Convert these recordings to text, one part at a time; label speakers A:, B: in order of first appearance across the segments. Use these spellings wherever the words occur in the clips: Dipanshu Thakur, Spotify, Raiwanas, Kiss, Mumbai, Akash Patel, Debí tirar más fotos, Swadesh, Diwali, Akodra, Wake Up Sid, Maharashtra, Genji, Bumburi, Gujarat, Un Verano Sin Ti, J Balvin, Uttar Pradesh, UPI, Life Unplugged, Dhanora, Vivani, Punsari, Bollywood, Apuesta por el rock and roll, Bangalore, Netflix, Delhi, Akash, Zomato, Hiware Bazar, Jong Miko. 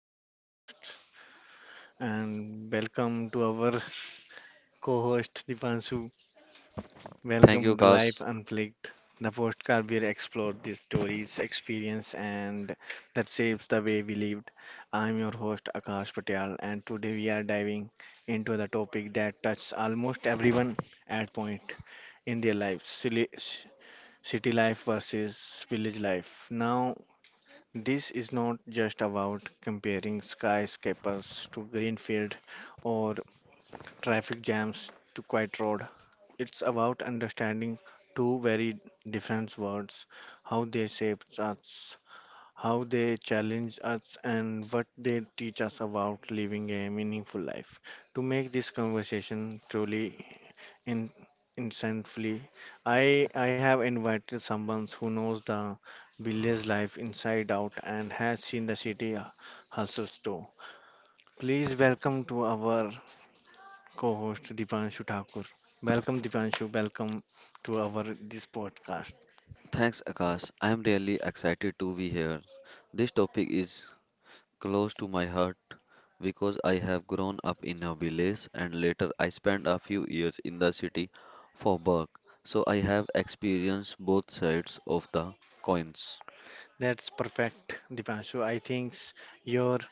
A: new podcast and welcome to our co-host Dipanshu.
B: Thank you,
A: Welcome to
B: Akash.
A: Life Unplugged, the podcast where we explore the stories, experience and that shapes the way we lived. I'm your host Akash Patel and today we are diving into the topic that touches almost everyone at point in their lives, city life versus village life. Now this is not just about comparing skyscrapers to greenfield or traffic jams to quiet road. It's about understanding two very different worlds, how they shape us, how they challenge us, and what they teach us about living a meaningful life. To make this conversation truly in instantly. I have invited someone who knows the village life inside out and has seen the city hustles too. Please welcome to our co-host Dipanshu Thakur. Welcome Dipanshu, welcome to our this podcast.
B: Thanks, Akash. I am really excited to be here. This topic is close to my heart because I have grown up in a village and later I spent a few years in the city for work. So I have experienced both sides of the coins.
A: That's perfect, Dipanshu. I think your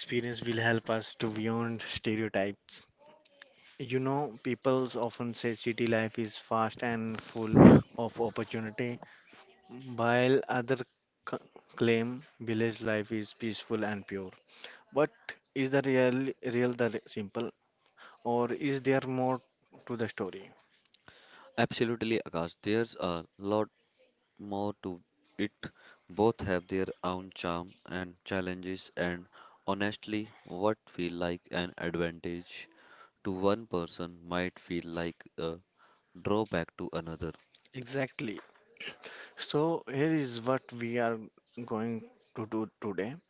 A: experience will help us to beyond stereotypes. You know, people often say city life is fast and full of opportunity, while others c- claim village life is peaceful and pure, but is the real real simple, or is there more to the story?
B: Absolutely, Akash. There's a lot more to it. Both have their own charm and challenges, and honestly, what feel like an advantage to one person might feel like a drawback to another.
A: Exactly. So here is what we are going to do today.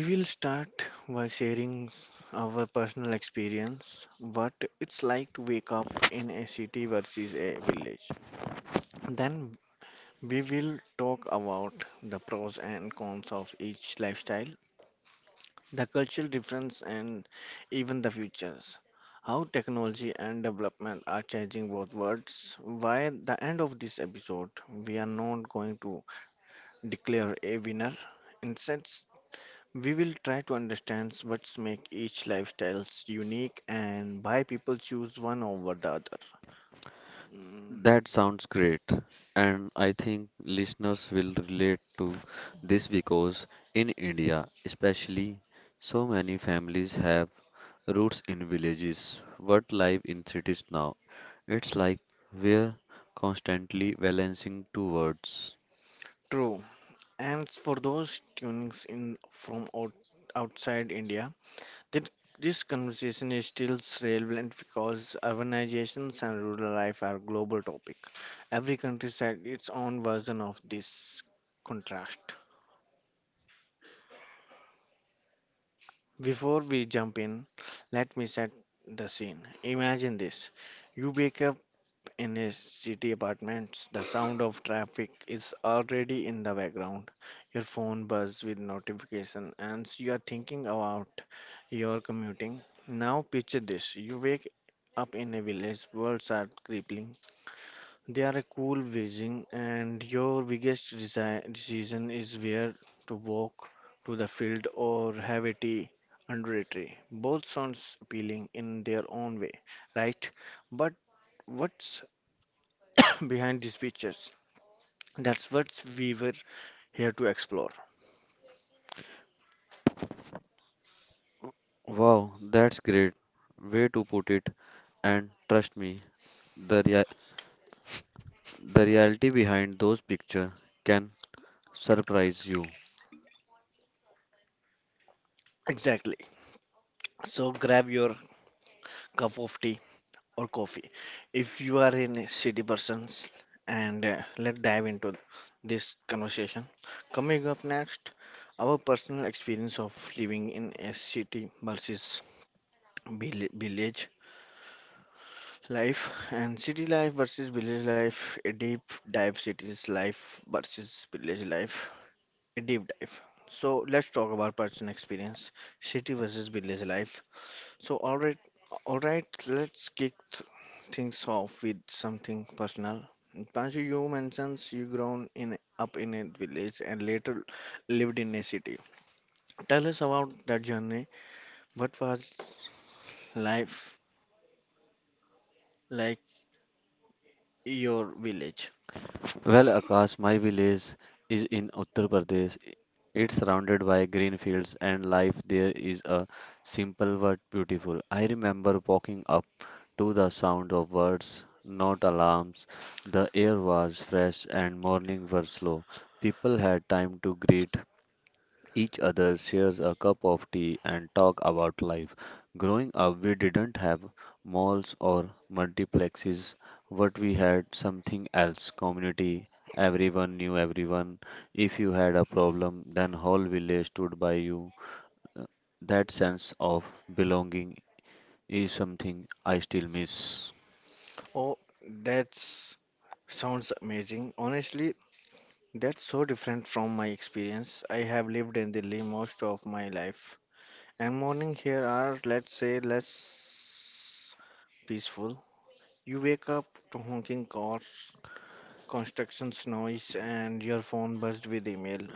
A: We will start by sharing our personal experience, what it's like to wake up in a city versus a village. Then we will talk about the pros and cons of each lifestyle, the cultural difference and even the futures. How technology and development are changing both worlds. By the end of this episode, we are not going to declare a winner. Instead, we will try to understand what makes each lifestyle unique and why people choose one over the other. Mm,
B: That sounds great, and I think listeners will relate to this because in India, especially, so many families have roots in villages but live in cities now. It's like we're constantly balancing two worlds.
A: True. And for those tunings in from outside India, that this conversation is still relevant because urbanizations and rural life are global topic. Every country had its own version of this contrast. Before we jump in, let me set the scene. Imagine this. You wake up in his city apartments, the sound of traffic is already in the background. Your phone buzz with notification and you are thinking about your commuting. Now picture this. You wake up in a village, worlds are crippling. They are a cool vision and your biggest decision is where to walk to the field or have a tea under a tree. Both sounds appealing in their own way, right? But what behind these pictures. That's what we were here to explore.
B: Wow, that's great way to put it, and trust me, the rea- the reality behind those pictures can surprise you.
A: Exactly. So grab your cup of tea or coffee if you are in a city persons and let's dive into this conversation. Coming up next, our personal experience of living in a city versus village life and city life versus village life, a deep dive cities life versus village life deep dive. So let's talk about personal experience, city versus village life. So all right, let's kick things off with something personal. Panju, you mentions you grown in up in a village and later lived in a city. Tell us about that journey. What was life like your village?
B: Well, Akash, my village is in Uttar Pradesh. It's surrounded by green fields and life there is a simple but beautiful. I remember walking up to the sound of birds, not alarms. The air was fresh and morning were slow. People had time to greet each other shares a cup of tea and talk about life. Growing up, we didn't have malls or multiplexes, but we had something else community. Everyone knew everyone. If you had a problem, then whole village stood by you. Uh, That sense of belonging is something I still miss.
A: Oh, that sounds amazing. Honestly, that's so different from my experience. I have lived in Delhi most of my life, and morning here are, let's say, less peaceful. You wake up to honking cars, constructions noise, and your phone buzzed with email.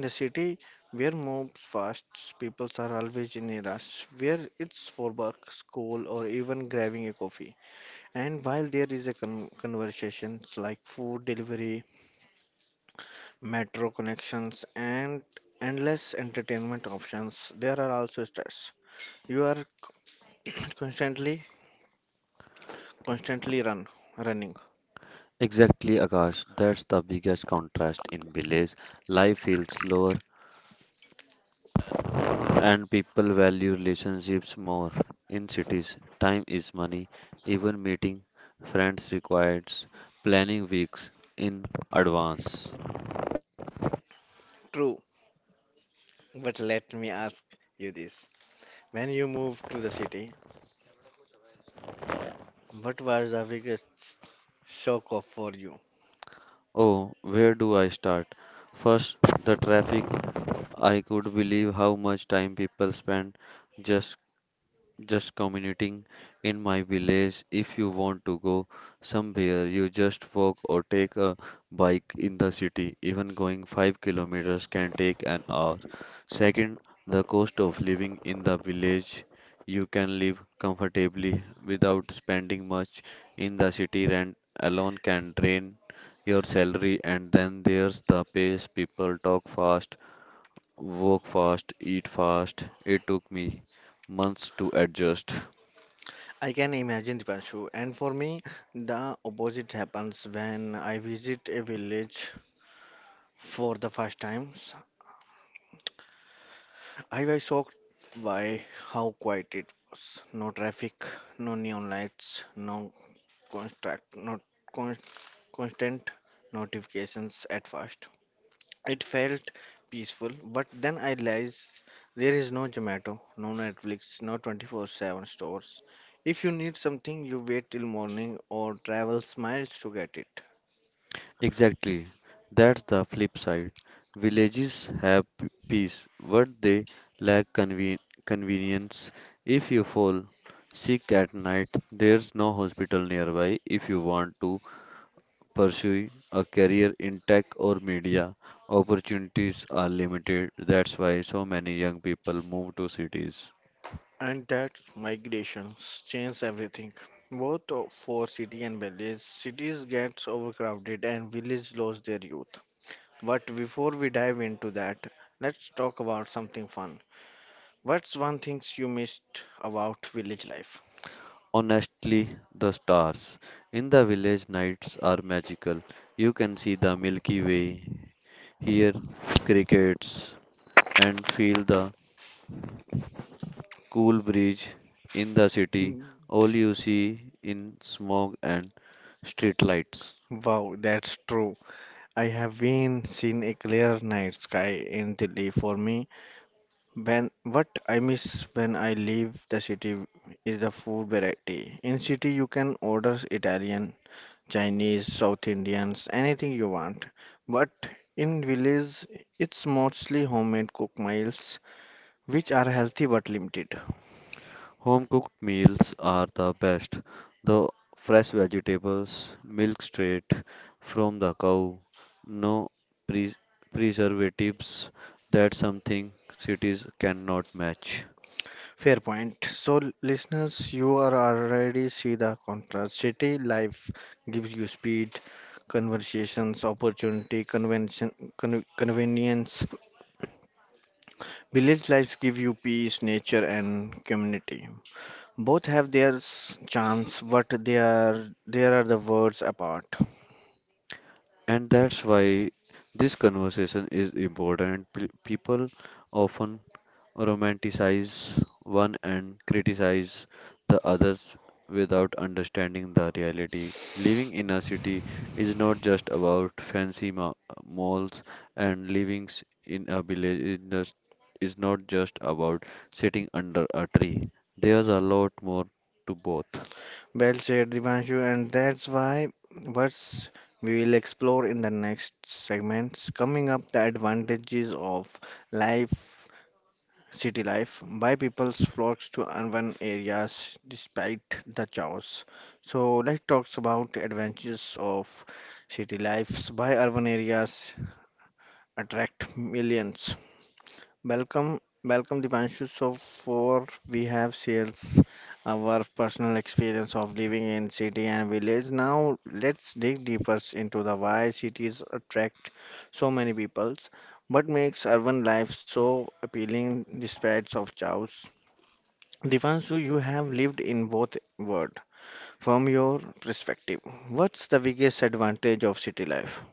A: In the city, where moves fast, people are always in a rush, where it's for work, school, or even grabbing a coffee. And while there is a conversations like food delivery, metro connections, and endless entertainment options, there are also stress. You are constantly, constantly running.
B: Exactly, Akash. That's the biggest contrast in village. Life feels slower, and people value relationships more in cities. Time is money. Even meeting friends requires planning weeks in advance.
A: True, but let me ask you this: when you moved to the city, what was the biggest shock of for you?
B: Oh, where do I start? First, the traffic. I could believe how much time people spend just just commuting in my village. If you want to go somewhere, you just walk or take a bike in the city. Even going 5 kilometers can take an hour. Second, the cost of living in the village. You can live comfortably without spending much in the city. Rent alone can drain your salary, and then there's the pace. People talk fast, walk fast, eat fast. It took me months to adjust.
A: I can imagine Dipanshu, and for me, the opposite happens when I visit a village for the first time. I was shocked by how quiet it was. No traffic, no neon lights, no construct, not con- constant notifications at first. It felt peaceful, but then I realized there is no Zomato, no Netflix, no 24/7 stores. If you need something, you wait till morning or travel miles to get it.
B: Exactly. That's the flip side. Villages have peace, but they lack convenience. If you fall sick at night, there's no hospital nearby. If you want to pursue a career in tech or media, opportunities are limited. That's why so many young people move to cities.
A: And that migrations change everything, both for city and village. Cities gets overcrowded and village lose their youth. But before we dive into that, let's talk about something fun. What's one thing you missed about village life?
B: Honestly, the stars in the village nights are magical. You can see the Milky Way, hear crickets, and feel the cool breeze in the city,
A: Hmm.
B: all you see in smoke and street lights.
A: Wow, that's true. I have been seen a clear night sky in Delhi for me. When what I miss when I leave the city is the food variety. In city you can order Italian Chinese, South Indians, anything you want. But in village, it's mostly homemade cook meals, which are healthy but limited.
B: Home cooked meals are the best. The fresh vegetables, milk straight from the cow, no pre- preservatives. That's something cities cannot match.
A: Fair point. So, listeners, you are already see the contrast. City life gives you speed, conversations, opportunity, convention, convenience. Village life give you peace, nature, and community. Both have their charms, but they are there are the worlds apart.
B: And that's why this conversation is important. People often romanticize one and criticize the others without understanding the reality. Living in a city is not just about fancy malls, and living in a village is, just, is not just about sitting under a tree. There's a lot more to both.
A: Well said, Divanshu, and that's why what's we will explore in the next segments coming up the advantages of life city life why people flocks to urban areas despite the chaos so let's talk about advantages of city lives why urban areas attract millions. Welcome, Dipanshu. So for we have sales, our personal experience of living in city and village. Now let's dig deeper into the why cities attract so many peoples. What makes urban life so appealing despite of chaos? Dipanshu, you have lived in both world. From your perspective, what's the biggest advantage of city life?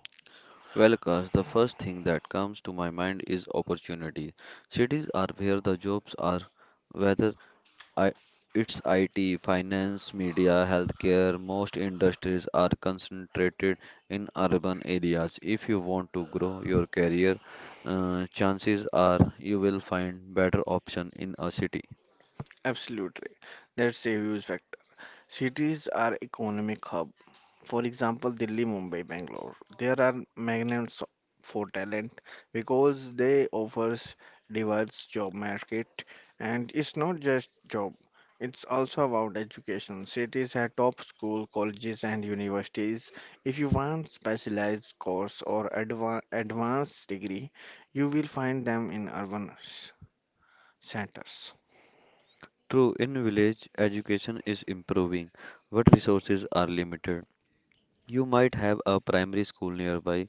B: Well, Akash, the first thing that comes to my mind is opportunity. Cities are where the jobs are, whether I, it's IT, finance, media, healthcare. Most industries are concentrated in urban areas. If you want to grow your career, chances are you will find better option in a city.
A: Absolutely. That's a huge factor. Cities are economic hub. For example, Delhi, Mumbai, Bangalore. There are magnets for talent because they offers diverse job market and it's not just job. It's also about education. Cities have top school, colleges and universities. If you want specialized course or advanced degree, you will find them in urban centers.
B: True, in village, education is improving, but resources are limited. You might have a primary school nearby,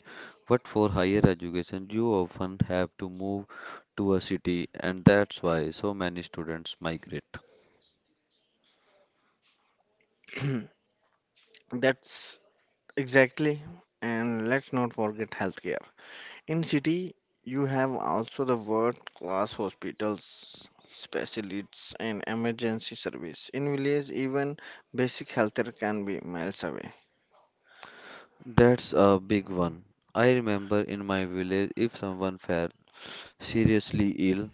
B: but for higher education, you often have to move to a city, and that's why so many students migrate.
A: That's exactly. And let's not forget healthcare. In city, you have also the world-class hospitals, specialists, and emergency service. In village, even basic healthcare can be miles away.
B: That's a big one. I remember in my village, if someone fell seriously ill,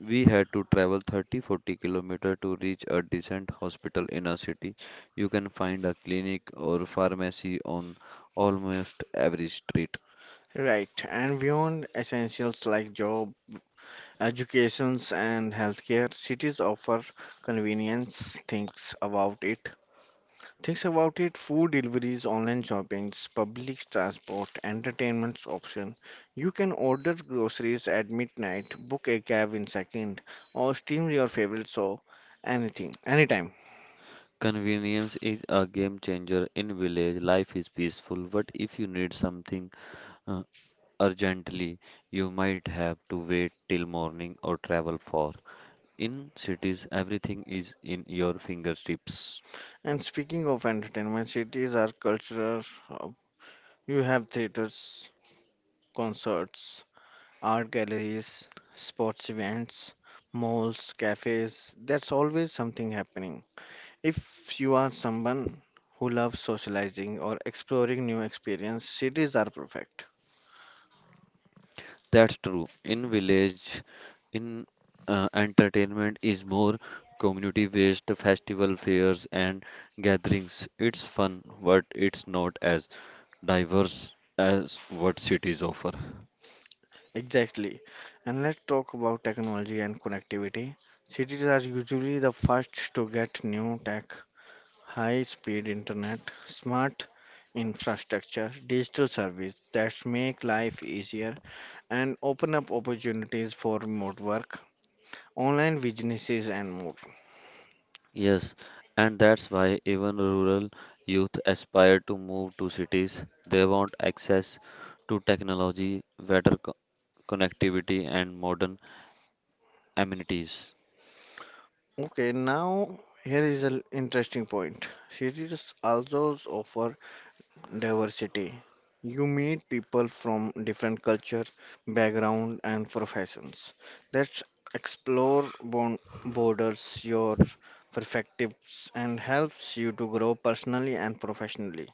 B: we had to travel 30 40 kilometer to reach a decent hospital in a city. You can find a clinic or pharmacy on almost every street.
A: Right, and beyond essentials like job, educations, and healthcare, cities offer convenience. Thinks about it, food deliveries, online shoppings, public transport, entertainment option. You can order groceries at midnight, book a cab in second, or stream your favorite show anything, anytime.
B: Convenience is a game changer in village. Life is peaceful, but if you need something uh, urgently, you might have to wait till morning or travel far. In cities, everything is in your fingertips.
A: And speaking of entertainment, cities are cultural hub. You have theaters, concerts, art galleries, sports events, malls, cafes. That's always something happening. If you are someone who loves socializing or exploring new experience, cities are perfect.
B: That's true. In village, in entertainment is more community-based festival fairs and gatherings. It's fun, but it's not as diverse as what cities offer.
A: Exactly. And let's talk about technology and connectivity. Cities are usually the first to get new tech, high-speed internet, smart infrastructure, digital service that make life easier and open up opportunities for remote work, online businesses and more.
B: Yes, and that's why even rural youth aspire to move to cities. They want access to technology, better connectivity, and modern amenities.
A: Okay, now here is an interesting point. Cities also offer diversity. You meet people from different culture, background, and professions. Let's explore borders, your perspectives, and helps you to grow personally and professionally.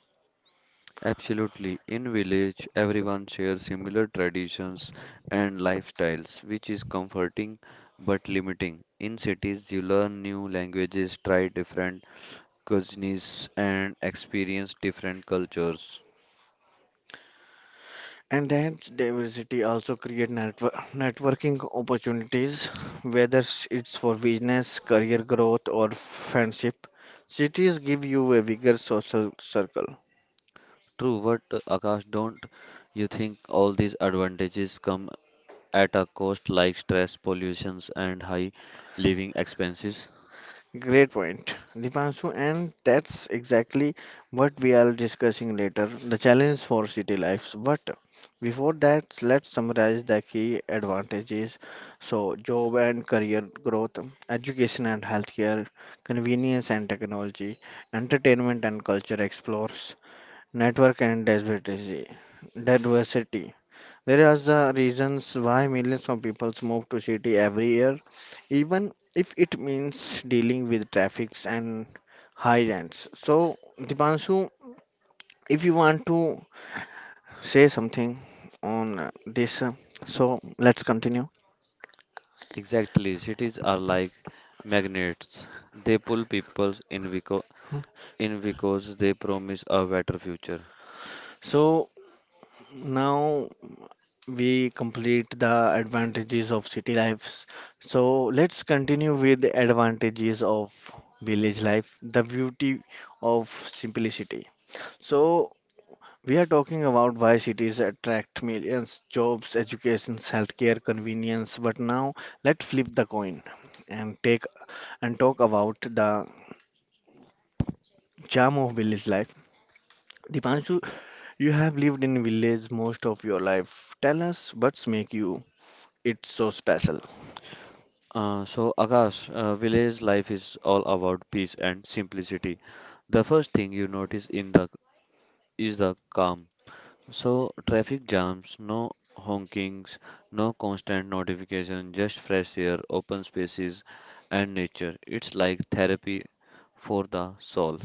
B: Absolutely. In village, everyone shares similar traditions and lifestyles, which is comforting but limiting. In cities, you learn new languages, try different cuisines, and experience different cultures.
A: And that diversity also create networking opportunities, whether it's for business, career growth, or friendship. Cities give you a bigger social circle.
B: True, but Akash, don't you think all these advantages come at a cost like stress, pollutions, and high living expenses?
A: Great point, Dipanshu, and that's exactly what we are discussing later, the challenge for city lives. But before that, let's summarize the key advantages. So, job and career growth, education and healthcare, convenience and technology, entertainment and culture explores, network and diversity. There are the reasons why millions of people move to city every year, even if it means dealing with traffics and high rents. So, Dipanshu, if you want to say something on this, so let's continue.
B: Exactly. Cities are like magnets. They pull people in because they promise a better future.
A: So now we complete the advantages of city lives. So let's continue with the advantages of village life, the beauty of simplicity. So we are talking about why cities attract millions, jobs, education, healthcare, convenience. But now let's flip the coin and take and talk about the charm of village life. Dipanshu, you have lived in village most of your life. Tell us what's make you it so special.
B: So, Akash, village life is all about peace and simplicity. The first thing you notice in the is the calm. So, traffic jams, no honkings, no constant notification, just fresh air, open spaces, and nature. It's like therapy for the soul.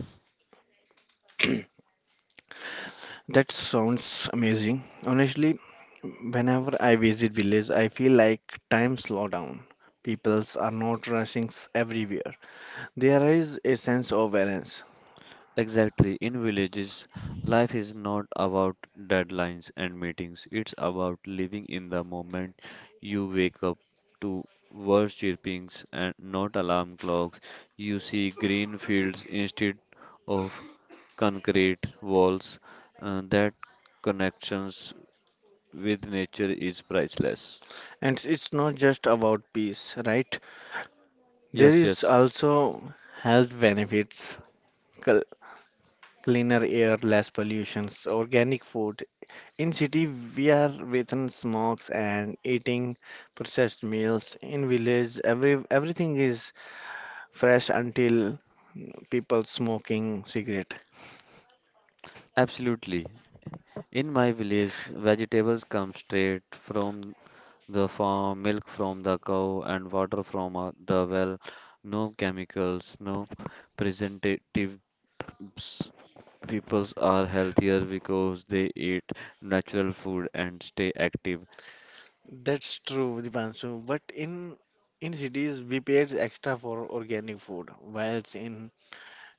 A: That sounds amazing. Honestly, whenever I visit village, I feel like time slow down. Peoples are not rushing everywhere. There is a sense of balance.
B: Exactly. In villages, life is not about deadlines and meetings. It's about living in the moment you wake up to birds chirpings and not alarm clocks. You see green fields instead of concrete walls. That connections with nature is priceless.
A: And it's not just about peace, right? There
B: Yes,
A: is
B: yes,
A: also health benefits, cl- cleaner air, less pollutions, organic food. In city, we are within smokes and eating processed meals. In village, everything is fresh until people smoking cigarette.
B: Absolutely. In my village, vegetables come straight from the farm, milk from the cow, and water from the well. No chemicals, no preservatives. People are healthier because they eat natural food and stay active.
A: That's true, Dipanshu. But in cities, we pay extra for organic food, whilst in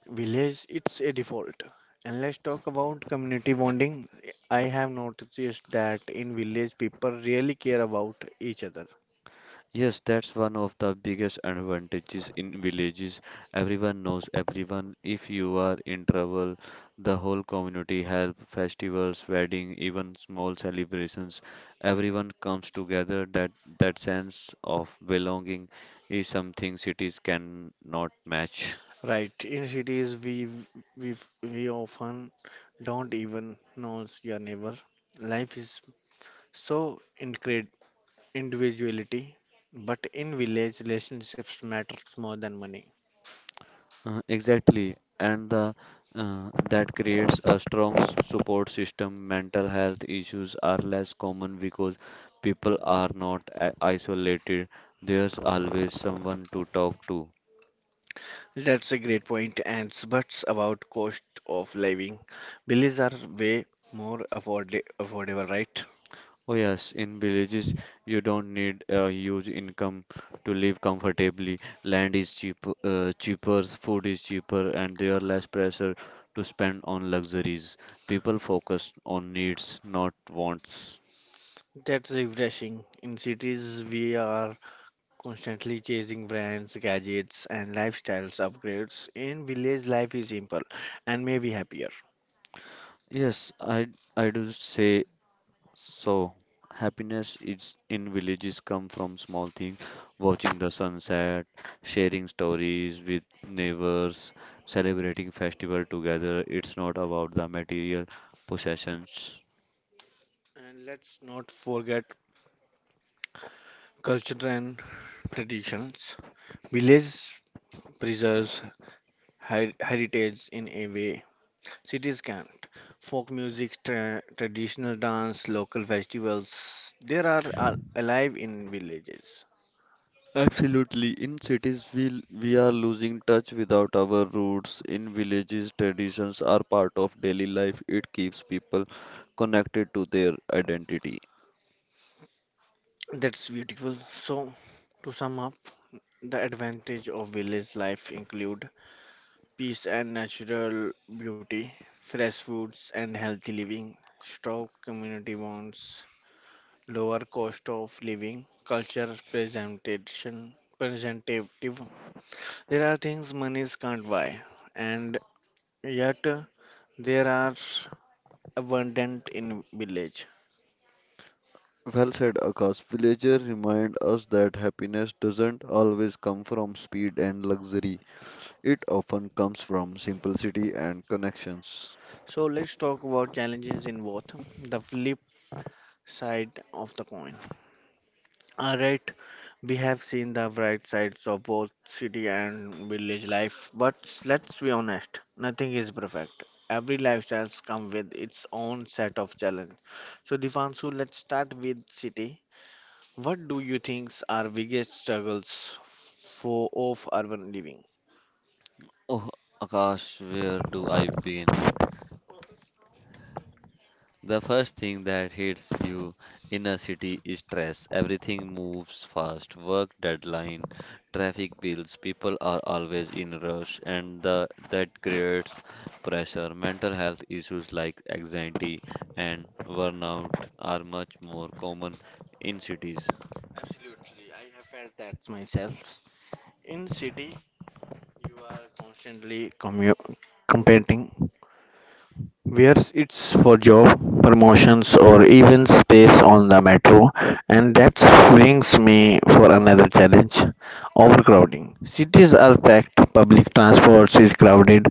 A: village, it's a default. And let's talk about community bonding. I have noticed that in village people really care about each other.
B: Yes, that's one of the biggest advantages in villages. Everyone knows everyone. If you are in trouble, the whole community help, festivals, wedding, even small celebrations. Everyone comes together. That sense of belonging is something cities cannot match.
A: Right, in cities we we often don't even know your neighbor. Life is so incred individuality, but in village relationships matters more than money.
B: Exactly, and that creates a strong support system. Mental health issues are less common because people are not isolated. There's always someone to talk to.
A: That's a great point, and but about cost of living, villages are way more affordable, right?
B: Oh yes, in villages you don't need a huge income to live comfortably. Land is cheap, cheaper, food is cheaper, and there are less pressure to spend on luxuries. People focus on needs, not wants.
A: That's refreshing. In cities, we are constantly chasing brands, gadgets, and lifestyles upgrades. In village, life is simple and maybe happier.
B: Yes, I do say so. Happiness is in villages come from small things, watching the sunset, sharing stories with neighbors, celebrating festival together. It's not about the material possessions.
A: And let's not forget culture and traditions. Village preserves heritage in a way cities can't. Folk music, traditional dance, local festivals, they are alive in villages.
B: Absolutely. In cities, we are losing touch without our roots. In villages, traditions are part of daily life. It keeps people connected to their identity.
A: That's beautiful. So, to sum up, the advantage of village life include peace and natural beauty, fresh foods and healthy living, strong community bonds, lower cost of living, culture presentation, presentative. There are things monies can't buy, and yet there are abundant in village.
B: Well said, Akash. Villager remind us that happiness doesn't always come from speed and luxury. It often comes from simplicity and connections.
A: So let's talk about challenges in both the flip side of the coin. Alright, we have seen the bright sides of both city and village life, but let's be honest, nothing is perfect. Every lifestyle comes with its own set of challenges. So, Divanshu, let's start with city. What do you think are biggest struggles for of urban living?
B: Oh, Akash, where do I begin? The first thing that hits you in a city is stress. Everything moves fast, work deadline, traffic bills, people are always in rush and that creates pressure. Mental health issues like anxiety and burnout are much more common in cities.
A: Absolutely, I have felt that myself. In city, you are constantly competing wears it's for job promotions or even space on the metro, and that brings me for another challenge, overcrowding cities are packed, public transport is crowded,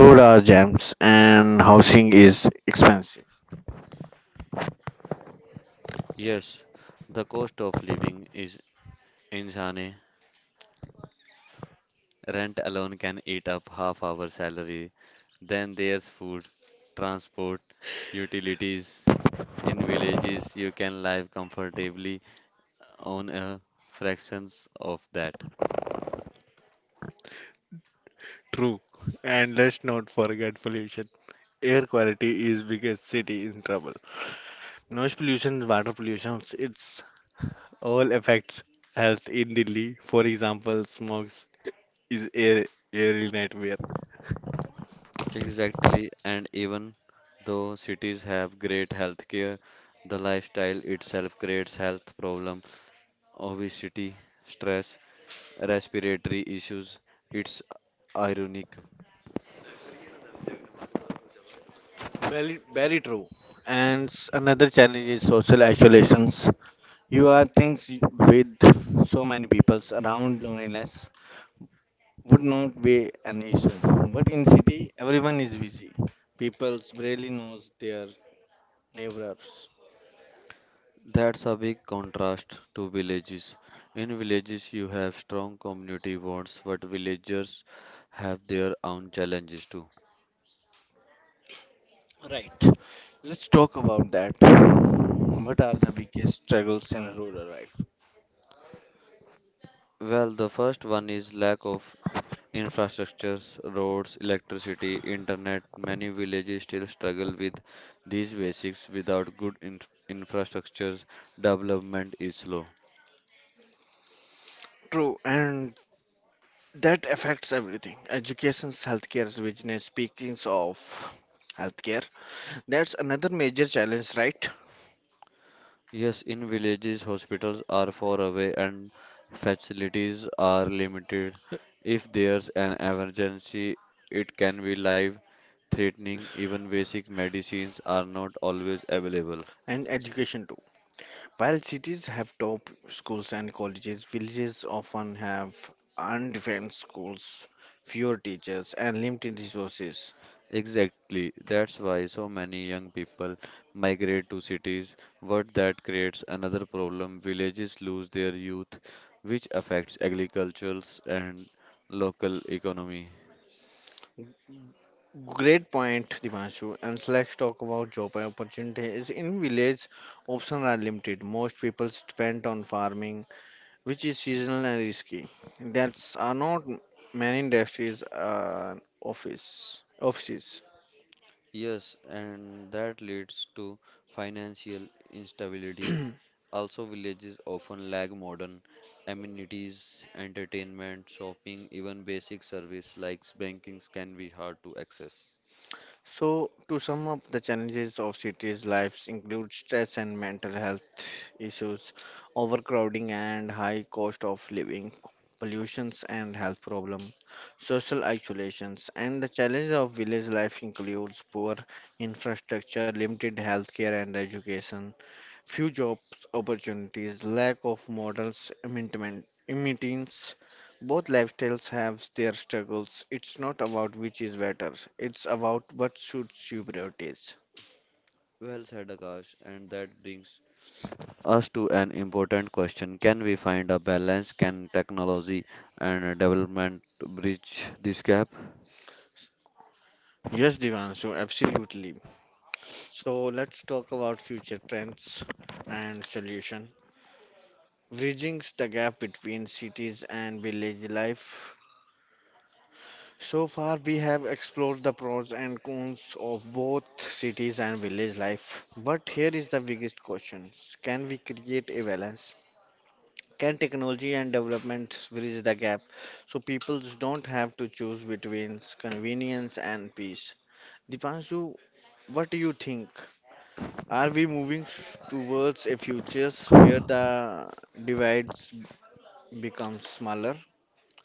A: road are jams, and housing is expensive.
B: Yes, the cost of living is insane. Rent alone can eat up half our salary. Then there's food, transport, utilities. In villages, you can live comfortably on a fractions of that.
A: True. And let's not forget pollution. Air quality is biggest city in trouble. Noise pollution, water pollution, it's all affects health in Delhi. For example, smog is air in nightmare.
B: Exactly, and even though cities have great healthcare, the lifestyle itself creates health problem, obesity, stress, respiratory issues. It's ironic.
A: Very, very true. And another challenge is social isolations. You are things with so many peoples around loneliness would not be an issue. But in city, everyone is busy. People barely knows their neighbors.
B: That's a big contrast to villages. In villages, you have strong community bonds, but villagers have their own challenges too.
A: Right. Let's talk about that. What are the biggest struggles in rural life?
B: Well, the first one is lack of infrastructures, roads, electricity, internet. Many villages still struggle with these basics. Without good infrastructures, development is slow.
A: True, and that affects everything. Education, healthcare, business. Speaking of healthcare, that's another major challenge, right?
B: Yes, in villages, hospitals are far away and facilities are limited. If there's an emergency, it can be life threatening. Even basic medicines are not always available.
A: And education too. While cities have top schools and colleges, villages often have undefended schools, fewer teachers, and limited resources.
B: Exactly. That's why so many young people migrate to cities. But that creates another problem. Villages lose their youth, which affects agricultures and local economy.
A: Great point, Divanshu. And so let's talk about job opportunities. In village, options are limited. Most people depend on farming, which is seasonal and risky. There are not many industries, office offices.
B: Yes, and that leads to financial instability. Also, villages often lack modern amenities, entertainment, shopping, even basic service like bankings can be hard to access.
A: So, to sum up, the challenges of cities' lives include stress and mental health issues, overcrowding and high cost of living, pollutions and health problems, social isolations, and the challenge of village life includes poor infrastructure, limited healthcare and education, few jobs opportunities, lack of models, imminence. Both lifestyles have their struggles. It's not about which is better. It's about what suits your priorities.
B: Well said, Akash, and that brings us to an important question. Can we find a balance? Can technology and development bridge this gap?
A: Yes, Divanshu, absolutely. So let's talk about future trends and solution. Bridging the gap between cities and village life. So far, we have explored the pros and cons of both cities and village life. But here is the biggest question. Can we create a balance? Can technology and development bridge the gap so people don't have to choose between convenience and peace? Dipanshu, what do you think? Are we moving towards a future where the divides become smaller?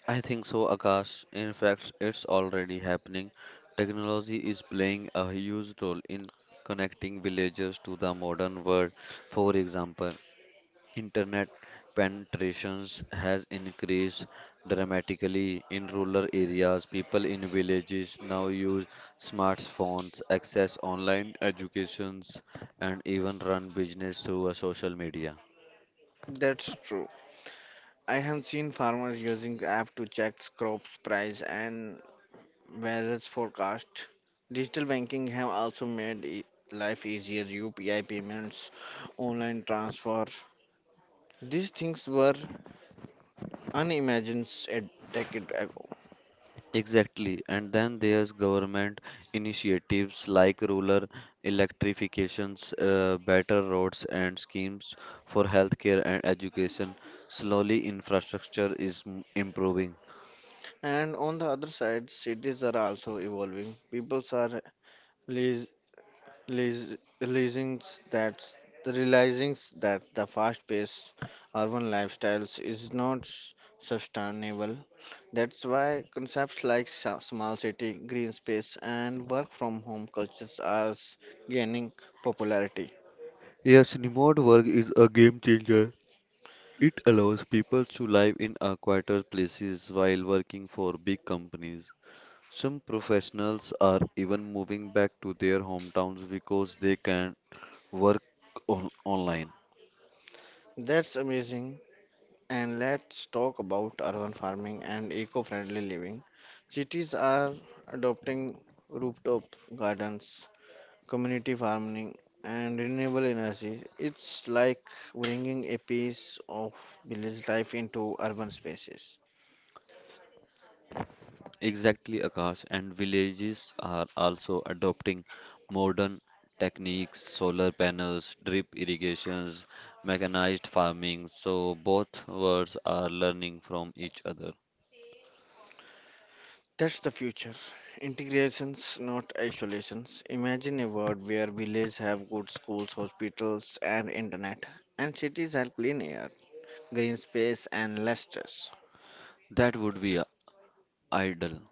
B: I think so, Akash. In fact, it's already happening. Technology is playing a huge role in connecting villages to the modern world. For example, internet penetrations has increased dramatically in rural areas. People in villages now use smartphones, access online educations, and even run business through a social media.
A: That's true. I have seen farmers using app to check crops price and weather's forecast. Digital banking have also made life easier. UPI payments, online transfer. These things were unimagined a decade ago.
B: Exactly. And then there's government initiatives like rural electrifications, better roads and schemes for healthcare and education. Slowly infrastructure is improving.
A: And on the other side, cities are also evolving. People are Realiz- realizing that realizing that the fast-paced urban lifestyles is not sustainable. That's why concepts like small city, green space, and work from home cultures are gaining popularity.
B: Yes, remote work is a game changer. It allows people to live in a quieter places while working for big companies. Some professionals are even moving back to their hometowns because they can work on online.
A: That's amazing. And let's talk about urban farming and eco-friendly living. Cities are adopting rooftop gardens, community farming, and renewable energy. It's like bringing a piece of village life into urban spaces.
B: Exactly, Akash, and villages are also adopting modern techniques, solar panels, drip irrigations, mechanized farming, so both worlds are learning from each other.
A: That's the future. Integrations, not isolations. Imagine a world where villages have good schools, hospitals, and internet, and cities have clean air, green space, and less stress.
B: That would be ideal.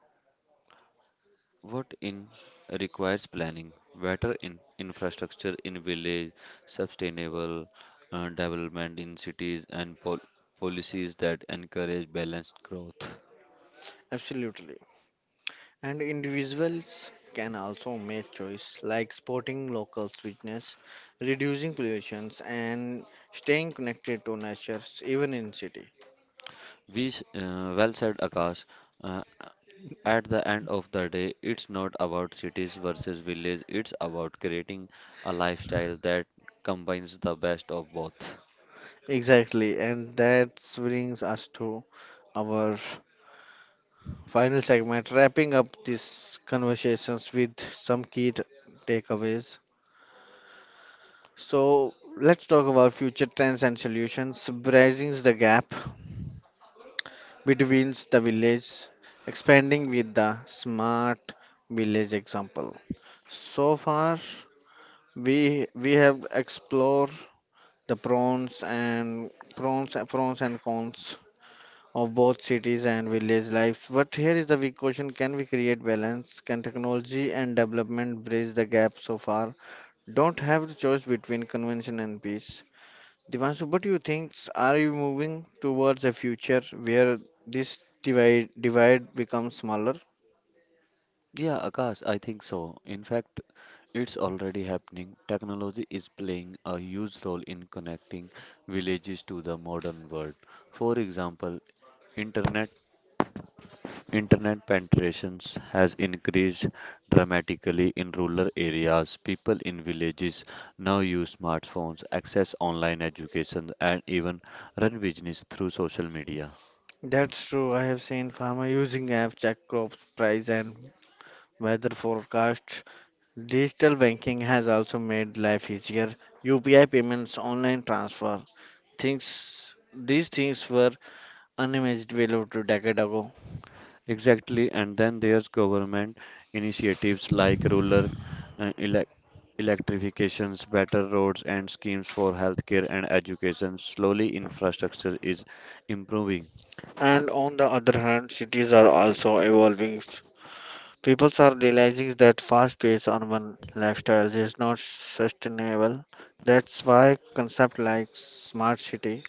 B: What in requires planning, better in infrastructure in village, sustainable development in cities, and policies that encourage balanced growth.
A: Absolutely. And individuals can also make choice like sporting local sweetness, reducing pollutions and staying connected to nature even in city.
B: Well said, Akash. Uh, At the end of the day, it's not about cities versus village, it's about creating a lifestyle that combines the best of both.
A: Exactly, and that brings us to our final segment, wrapping up these conversations with some key takeaways. So let's talk about future trends and solutions, bridging the gap between the village, expanding with the smart village example. So far, we have explored the pros and pros and cons of both cities and village lives. But here is the big question: can we create balance? Can technology and development bridge the gap? So far, don't have the choice between convention and peace. Divanshu, what do you think? Are you moving towards a future where this divide becomes smaller?
B: Yeah, Akash, I think so. In fact, it's already happening. Technology is playing a huge role in connecting villages to the modern world. For example, internet Internet penetrations has increased dramatically in rural areas. People in villages now use smartphones, access online education, and even run business through social media.
A: That's true. I have seen farmer using app check crops price and weather forecasts. Digital banking has also made life easier. UPI payments, online transfer, things these things were unimaginable 2 decades ago.
B: Exactly, and then there's government initiatives like rural uh, elec- electrifications, better roads, and schemes for healthcare and education. Slowly, infrastructure is improving.
A: And on the other hand, cities are also evolving. People are realizing that fast-paced urban lifestyles is not sustainable. That's why concepts like smart city,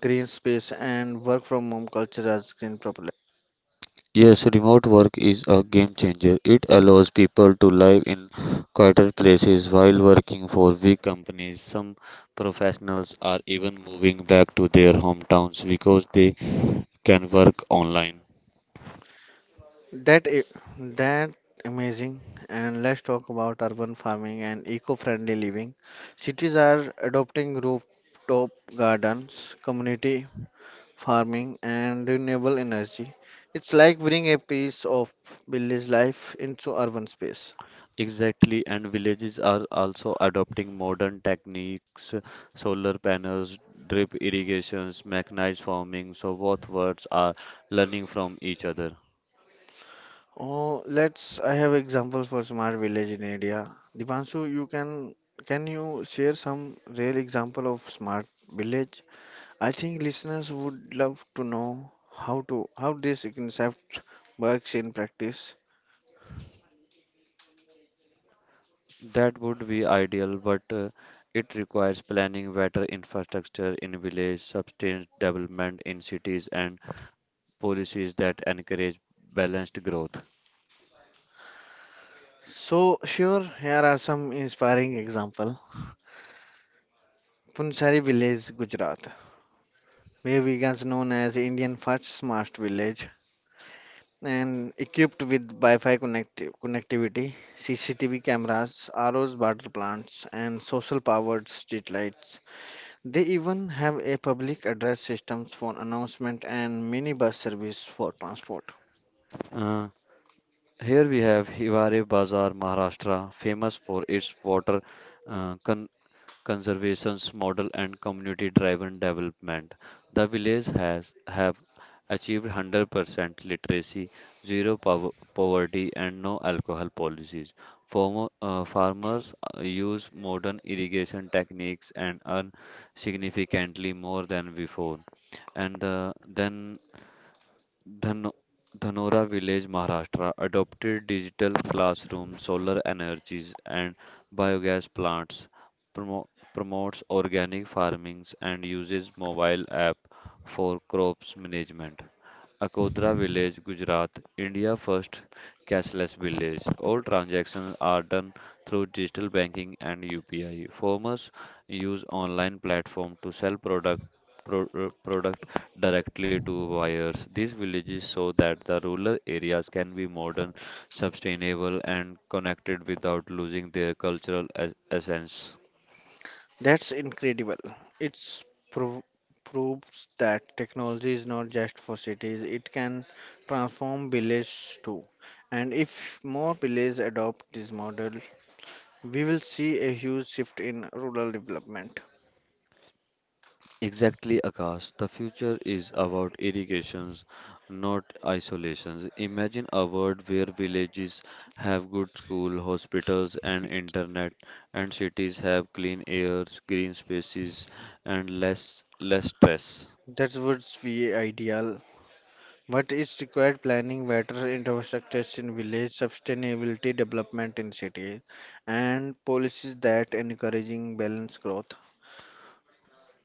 A: green space, and work from home culture are growing.
B: Yes, remote work is a game changer. It allows people to live in quieter places while working for big companies. Some professionals are even moving back to their hometowns because they can work online.
A: That i- that amazing. And let's talk about urban farming and eco-friendly living. Cities are adopting rooftop gardens, community farming, and renewable energy. It's like bringing a piece of village life into urban space.
B: Exactly, and villages are also adopting modern techniques, solar panels, drip irrigations, mechanized farming. So both worlds are learning from each other.
A: Oh, let's. I have examples for smart village in India. Dipanshu, you can you share some real example of smart village? I think listeners would love to know how this concept works in practice.
B: That would be ideal, but it requires planning better infrastructure in village, sustained development in cities, and policies that encourage balanced growth.
A: So sure, here are some inspiring example. Punsari village, Gujarat, where vegans known as Indian first smart village and equipped with Wi-Fi connectivity, CCTV cameras, ROs water plants, and social powered street lights. They even have a public address systems for announcement and minibus service for transport.
B: Uh, here we have Hiware Bazar, Maharashtra, famous for its water uh, conservations model and community-driven development. The village has have achieved 100% literacy, poverty, and no alcohol policies. Farmers use modern irrigation techniques and earn significantly more than before. And then Dhano- Dhanora village, Maharashtra adopted digital classroom, solar energies and biogas plants, promo- promotes organic farming and uses mobile app for crops management. Akodra village, Gujarat, India first cashless village. All transactions are done through digital banking and UPI. Farmers use online platform to sell product directly to buyers. These villages show that the rural areas can be modern, sustainable and connected without losing their cultural essence.
A: That's incredible. It's prov proves that technology is not just for cities, it can transform villages too. And if more villages adopt this model, we will see a huge shift in rural development.
B: Exactly, Akash. The future is about irrigations, not isolations. Imagine a world where villages have good school, hospitals, and internet, and cities have clean airs, green spaces, and less stress.
A: That's what's we ideal. But it's required planning better infrastructures in village, sustainability development in city, and policies that encouraging balanced growth.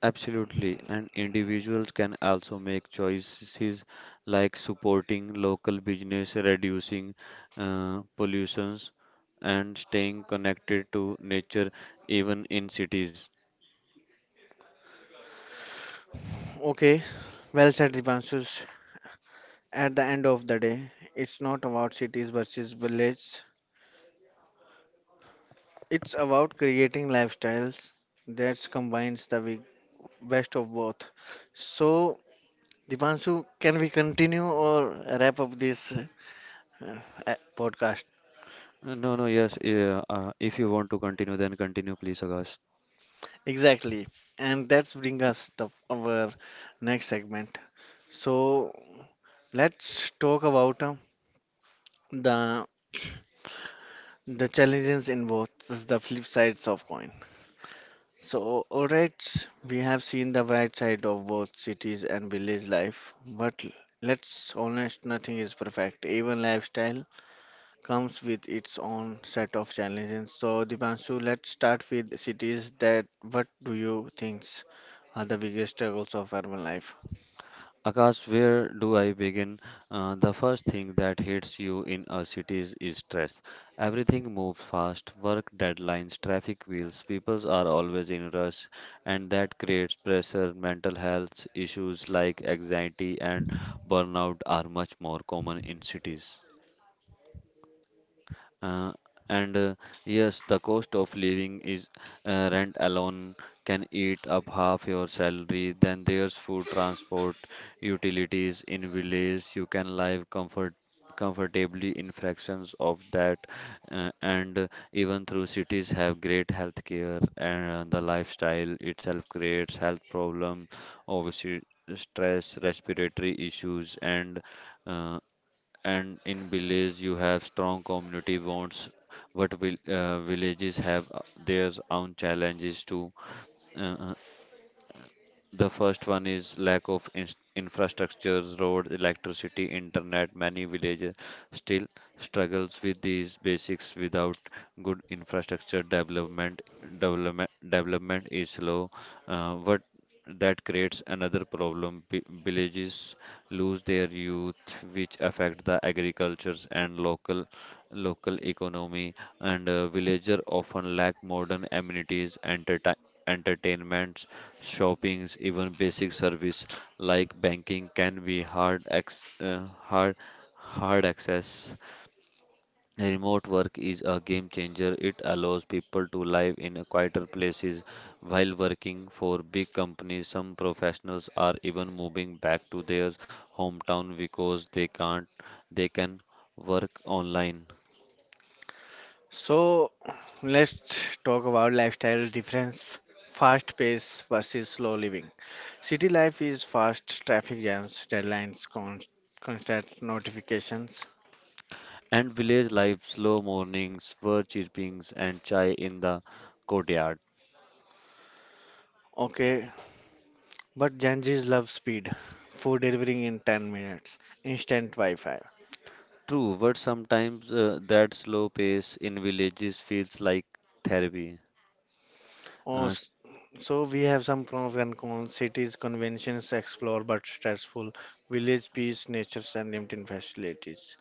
B: Absolutely, and individuals can also make choices like supporting local business, reducing pollutions, and staying connected to nature even in cities.
A: Okay, well said, Dipanshus. At the end of the day, it's not about cities versus villages. It's about creating lifestyles that combines the best of both. So, Dipanshu, can we continue or wrap up this uh, podcast?
B: No, no, yes. Yeah, if you want to continue, then continue, please, Akash.
A: Exactly. And that's bring us the our next segment. So, let's talk about the the challenges in both the flip sides of coin. So, alright, we have seen the bright side of both cities and village life, but let's honest, nothing is perfect. Even lifestyle comes with its own set of challenges. So, Dipanshu, let's start with cities, that what do you think are the biggest struggles of urban life?
B: Akash, where do I begin? The first thing that hits you in a city is stress. Everything moves fast, work deadlines, traffic wheels, people are always in rush, and that creates pressure. Mental health issues like anxiety and burnout are much more common in cities. Uh, and Yes, the cost of living is rent alone can eat up half your salary. Then there's food, transport, utilities in village. You can live comfortably in fractions of that, and even through cities have great health care and the lifestyle itself creates health problem, obviously stress, respiratory issues, uh, and in village you have strong community bonds but villages have their own challenges too. Uh, uh, the first one is lack of infrastructures, road, electricity, internet. Many villages still struggles with these basics without good infrastructure development. Development is slow, but that creates another problem. Villages lose their youth, which affect the agricultures and local economy. And villager often lack modern amenities, entertainments shoppings, even basic service like banking can be hard ex- hard hard access. Remote work is a game changer. It allows people to live in a quieter places while working for big companies. Some professionals are even moving back to their hometown because they can't they can work online.
A: So, let's talk about lifestyle difference. Fast pace versus slow living. City life is fast, traffic jams, deadlines, constant notifications.
B: And village life, slow mornings, bird chirpings, and chai in the courtyard.
A: Okay, but Gen Zs love speed. Food delivery in 10 minutes. Instant Wi-Fi.
B: True, but sometimes that slow pace in villages feels like therapy.
A: Oh,
B: Uh, s-
A: so we have some pros and cons. Cities, conventions, explore but stressful. Village, peace, nature, and limited facilities.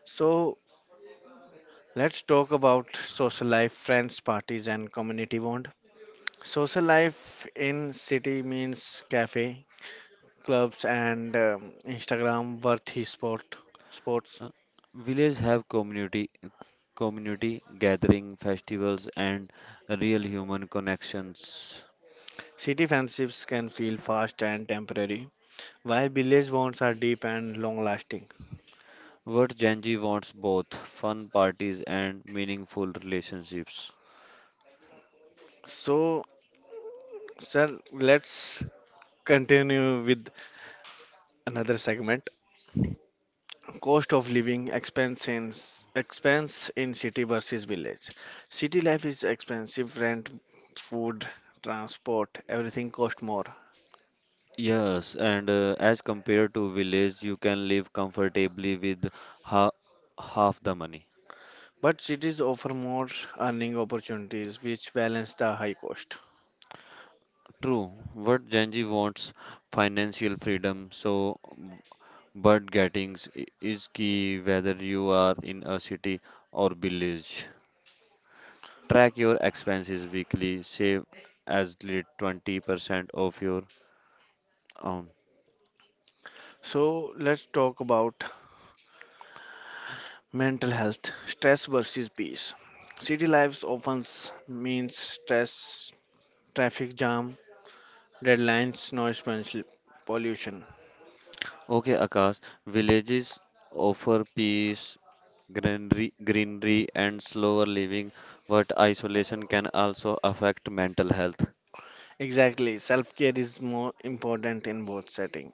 A: So let's talk about social life, friends, parties, and community bond. Social life in city means cafe, clubs, and Instagram worthy sports.
B: uh, Village have community gathering, festivals, and real human connections.
A: City friendships can feel fast and temporary. Why village bonds are deep and long lasting.
B: What Genji wants both fun parties and meaningful relationships.
A: So, sir, let's continue with another segment, cost of living, expense in city versus village. City life is expensive, rent, food, transport, everything cost more,
B: Yes, and as compared to village, you can live comfortably with ha half the money.
A: but cities offer more earning opportunities which balance the high cost.
B: True, what Genji wants financial freedom, so but gettings is key whether you are in a city or village. Track your expenses weekly, save as little 20% of your own.
A: So let's talk about mental health, stress versus peace. City lives often means stress, traffic jam, deadlines, noise pollution.
B: Okay, Akash, villages offer peace, greenery, and slower living, but isolation can also affect mental health.
A: Exactly, self care is more important in both settings.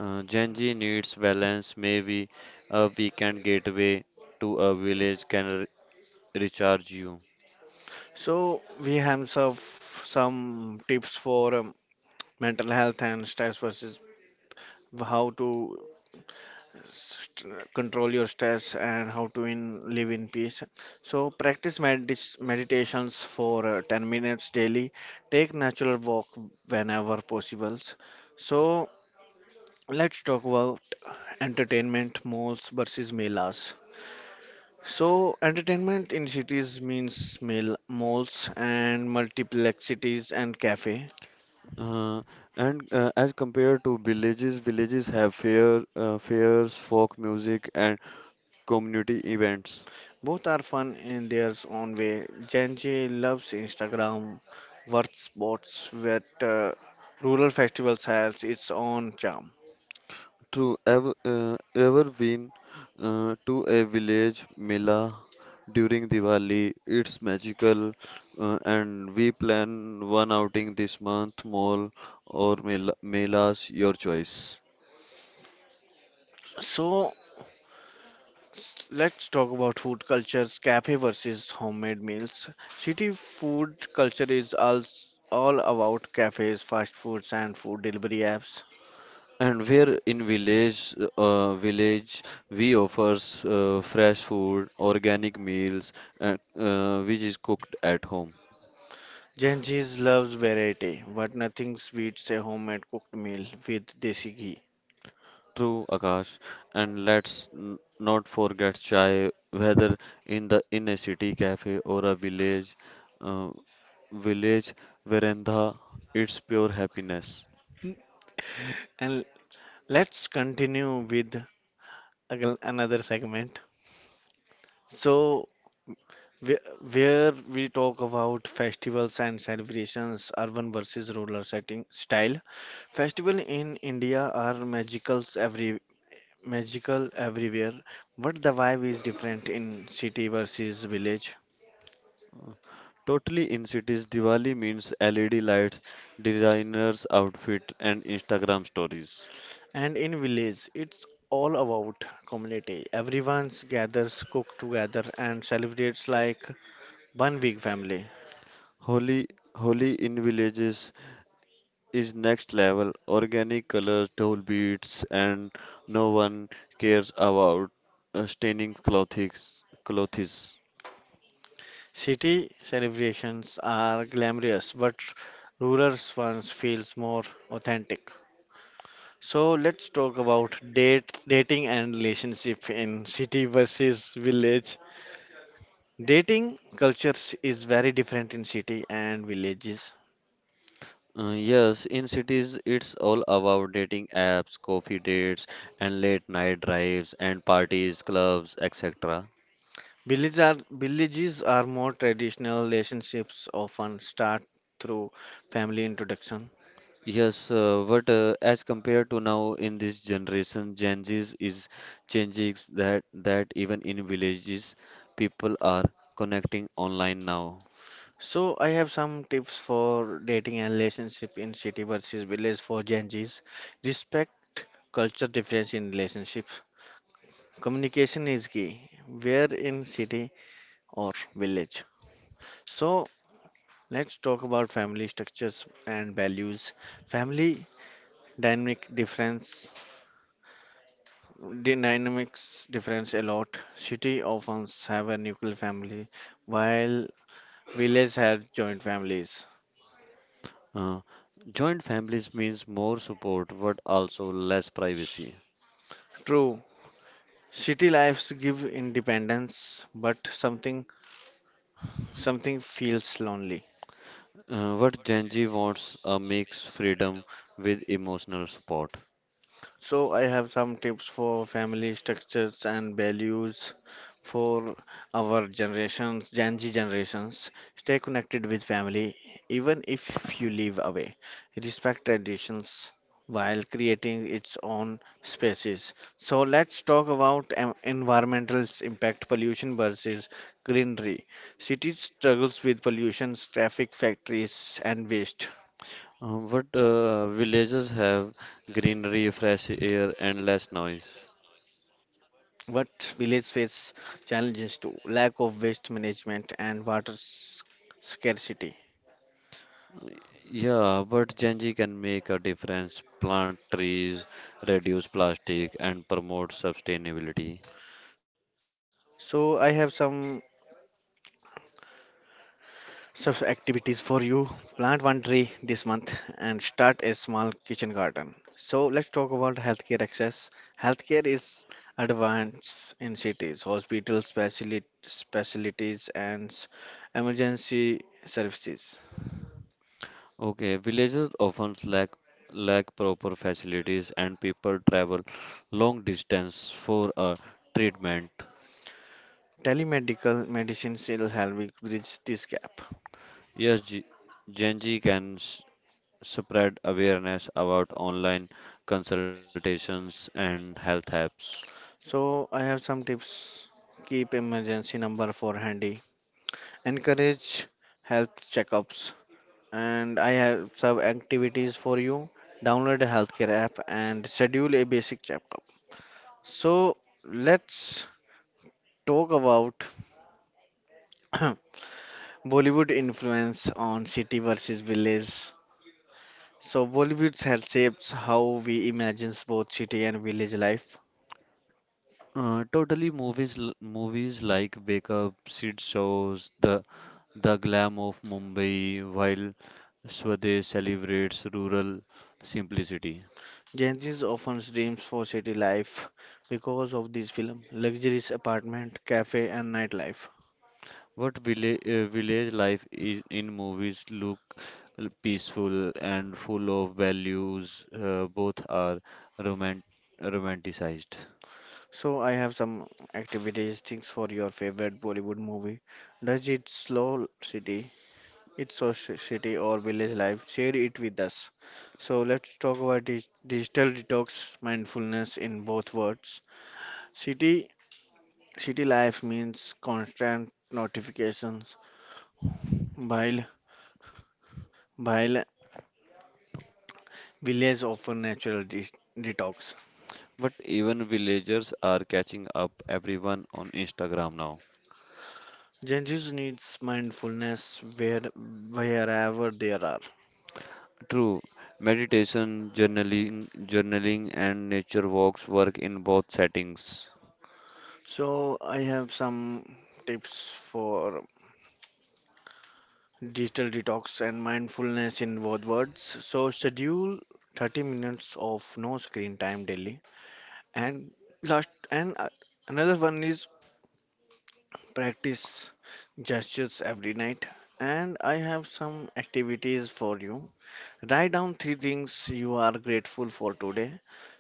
B: Gen Z needs balance, maybe a weekend getaway to a village can recharge you.
A: So, we have some tips for mental health and stress versus how to control your stress and how to live in peace. So, practice meditations for 10 minutes daily, take natural walk whenever possible. So, let's talk about entertainment, malls versus melas. So, entertainment in cities means malls and multiplexes and cafe.
B: Uh, and As compared to villages, villages have fairs, folk music, and community events.
A: Both are fun in their own way. Gen Z loves Instagram, worth spots, where rural festivals has its own charm.
B: Ever been to a village mela during Diwali, it's magical, and we plan one outing this month, mall or mela, melas, your choice.
A: So let's talk about food cultures, cafe versus homemade meals. City food culture is all about cafes, fast foods, and food delivery apps.
B: And we in village, we offers fresh food, organic meals, and, which is cooked at home.
A: Gen Zs loves variety, but nothing beats a homemade cooked meal with desi ghee.
B: True, Akash. And let's not forget chai, whether in a city cafe or a village, uh, village veranda, it's pure happiness.
A: N- And let's continue with another segment. So, wh- where we talk about festivals and celebrations, urban versus rural setting style. Festival in India are magical everywhere, but the vibe is different in city versus village.
B: Totally in cities, Diwali means LED lights, designers' outfit, and Instagram stories.
A: And in village, it's all about community. Everyone's gathers, cook together, and celebrates like one big family.
B: Holi, Holi in villages is next level. Organic colors, dull beads, and no one cares about staining clothes. Clothes.
A: City celebrations are glamorous, but rural ones feels more authentic. So let's talk about dating and relationship in city versus village. Dating cultures is very different in city and villages.
B: Yes, in cities it's all about dating apps, coffee dates, and late night drives and parties, clubs, etc.
A: Villages are more traditional. Relationships often start through family introduction.
B: Yes, but as compared to now in this generation, Gen Z is changing that even in villages, people are connecting online now.
A: So I have some tips for dating and relationship in city versus village for Gen Zs. Respect culture difference in relationships. Communication is key. Where, in city or village? So let's talk about family structures and values. Family dynamic difference. The dynamics difference a lot. City often have a nuclear family, while village have joint families.
B: Uh, Joint families means more support, but also less privacy.
A: True, city lives give independence, but something feels lonely.
B: What Gen Z wants a mix freedom with emotional support.
A: So I have some tips for family structures and values for our generations, Gen Z generations. Stay connected with family, even if you live away. Respect traditions while creating its own spaces. So let's talk about environmental impact, pollution versus greenery. Cities struggles with pollution, traffic, factories, and waste.
B: What Villages have greenery, fresh air, and less noise.
A: What village face challenges to lack of waste management and water scarcity.
B: Yeah, but Gen Z can make a difference, plant trees, reduce plastic, and promote sustainability.
A: So I have some such activities for you. Plant one tree this month and start a small kitchen garden. So let's talk about healthcare access. Healthcare is advanced in cities, hospitals, specialties, and emergency services.
B: Okay, villages often lack proper facilities, and people travel long distance for a treatment.
A: Telemedical medicine still help bridge this gap.
B: Yes, Gen Z can s spread awareness about online consultations and health apps.
A: So I have some tips. Keep emergency number for handy. Encourage health checkups. And I have some activities for you. Download a healthcare app and schedule a basic checkup. So let's talk about Bollywood influence on city versus village. So Bollywood has shaped how we imagine both city and village life.
B: Totally, movies like Wake Up, Sid shows the glam of Mumbai while Swadesh celebrates rural simplicity.
A: Gen Z often dreams for city life because of this film, luxurious apartment, cafe, and nightlife.
B: What village, Village life in movies look peaceful and full of values, both are romant- romanticized.
A: So I have some activities, things for your favorite Bollywood movie. Does it slow city? It's a city or village life. Share it with us. So let's talk about digital detox, mindfulness in both words. City city life means constant notifications, while while village offer natural detox.
B: But even villagers are catching up everyone on Instagram now.
A: Gen Z needs mindfulness wherever there are.
B: True, meditation, journaling and nature walks work in both settings.
A: So I have some tips for digital detox and mindfulness in both words. So schedule 30 minutes of no screen time daily. And last and another one is practice gestures every night. And I have some activities for you. Write down three things you are grateful for today.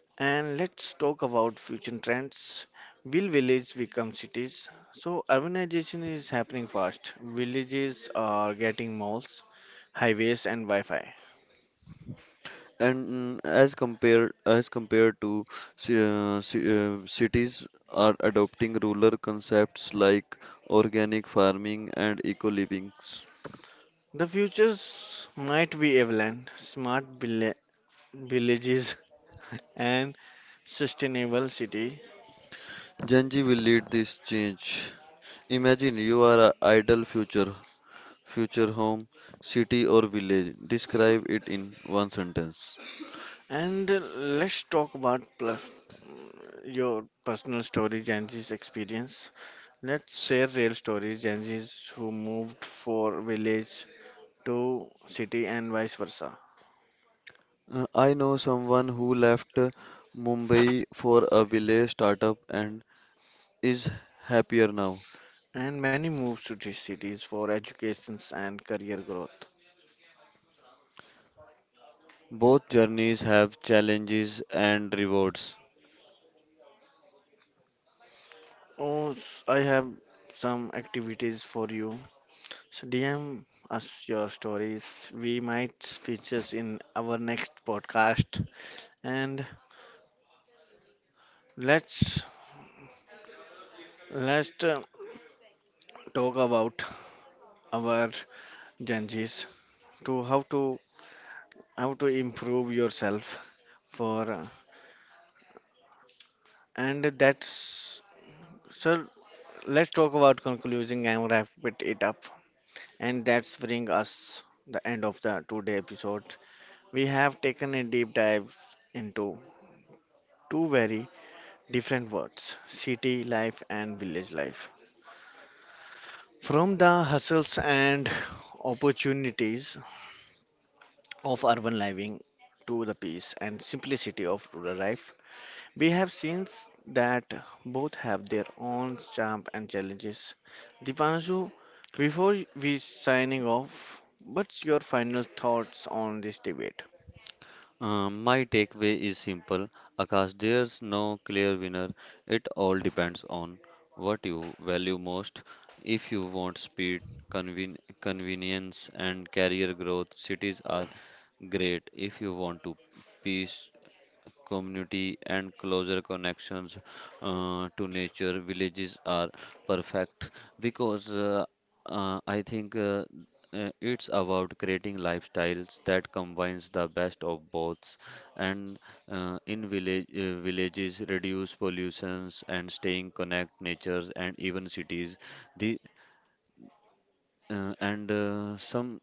A: And let's talk about future trends. Will villages become cities? So, urbanization is happening fast. Villages are getting malls, highways, and Wi Fi.
B: And as compared to cities are adopting rural concepts like organic farming and eco-livings.
A: The futures might be avalanche, smart villages, and sustainable city.
B: Gen Z will lead this change. Imagine you are a ideal future, future home, city or village. Describe it in one sentence.
A: And let's talk about plus your personal story, Genji's experience. Let's share real stories, Genji's who moved for village to city and vice versa.
B: I know someone who left Mumbai for a village startup and is happier now.
A: And many moves to these cities for educations and career growth.
B: Both journeys have challenges and rewards.
A: Oh, I have some activities for you. So DM us your stories. We might feature in our next podcast. And let's let's talk about our changes to how to improve yourself for and that's so let's talk about concluding and wrap it up. And that's bring us the end of the today episode. We have taken a deep dive into two very different words, city life and village life. From the hustles and opportunities of urban living to the peace and simplicity of rural life, we have seen that both have their own charm and challenges. Dipanshu, before we signing off, what's your final thoughts on this debate?
B: My takeaway is simple. Akash, there's no clear winner. It all depends on what you value most. If you want speed, convenience, and career growth, cities are great. If you want to peace, community, and closer connections to nature. Villages are perfect because I think it's about creating lifestyles that combines the best of both. And in villages, reduce pollutions and staying connect natures and even cities. The and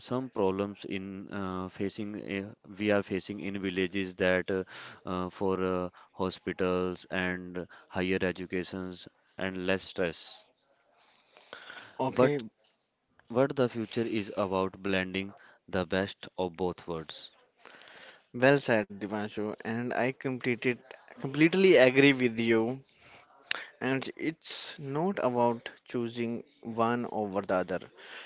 B: some problems in facing uh, we are facing in villages that for hospitals and higher educations and less stress
A: Okay,
B: but what the future is about blending the best of both worlds.
A: well said, Divanshu, and I completed completely agree with you. And it's not about choosing one over the other.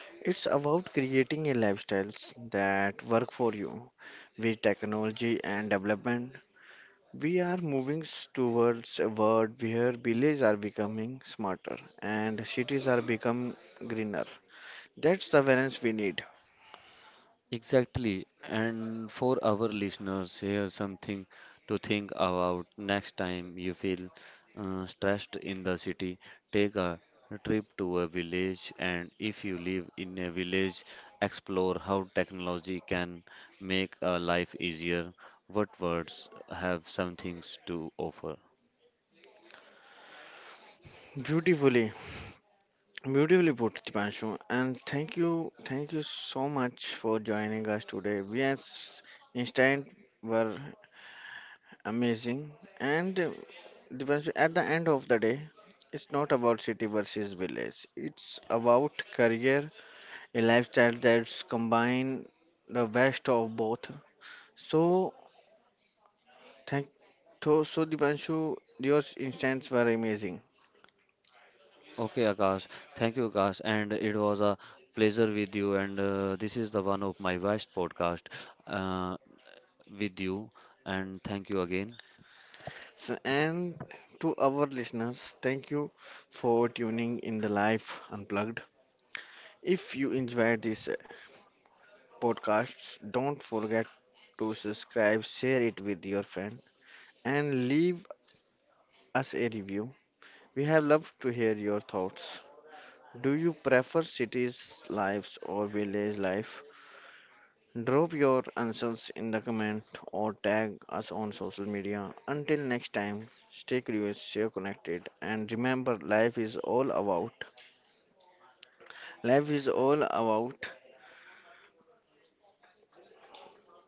A: It's about creating a lifestyles that work for you. With technology and development, we are moving towards a world where villages are becoming smarter and cities are becoming greener. That's the balance we need.
B: Exactly. And for our listeners, here's something to think about next time you feel stressed in the city. Take a trip to a village, and if you live in a village, explore how technology can make a life easier. What words have some things to offer?
A: Beautifully, Beautifully put, Dipanshu, and thank you so much for joining us today. We as Instant were amazing, and Dipanshu, at the end of the day, it's not about city versus village. It's about career, a lifestyle that's combine the best of both. So thank so Dipanshu, your instants were amazing.
B: Okay, Akash. Thank you, Akash. And it was a pleasure with you. And this is the one of my best podcast. Uh, with you. And thank you again.
A: So and to our listeners, thank you for tuning in the Life Unplugged. If you enjoy this podcast, don't forget to subscribe, share it with your friend, and leave us a review. We have loved to hear your thoughts. Do you prefer cities lives or village life? Drop your answers in the comment or tag us on social media. Until next time, stay curious, stay connected, and remember life is all about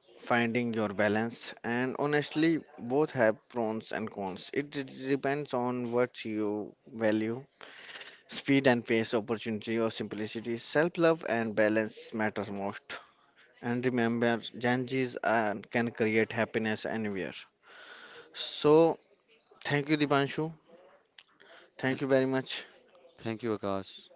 A: finding your balance, and honestly both have pros and cons. It depends on what you value, speed and pace, opportunity or simplicity. Self-love and balance matter most, and remember janjis are, can create happiness anywhere. So thank you, Dipanshu, thank
B: Uh,
A: you very much.
B: Thank you, Akash.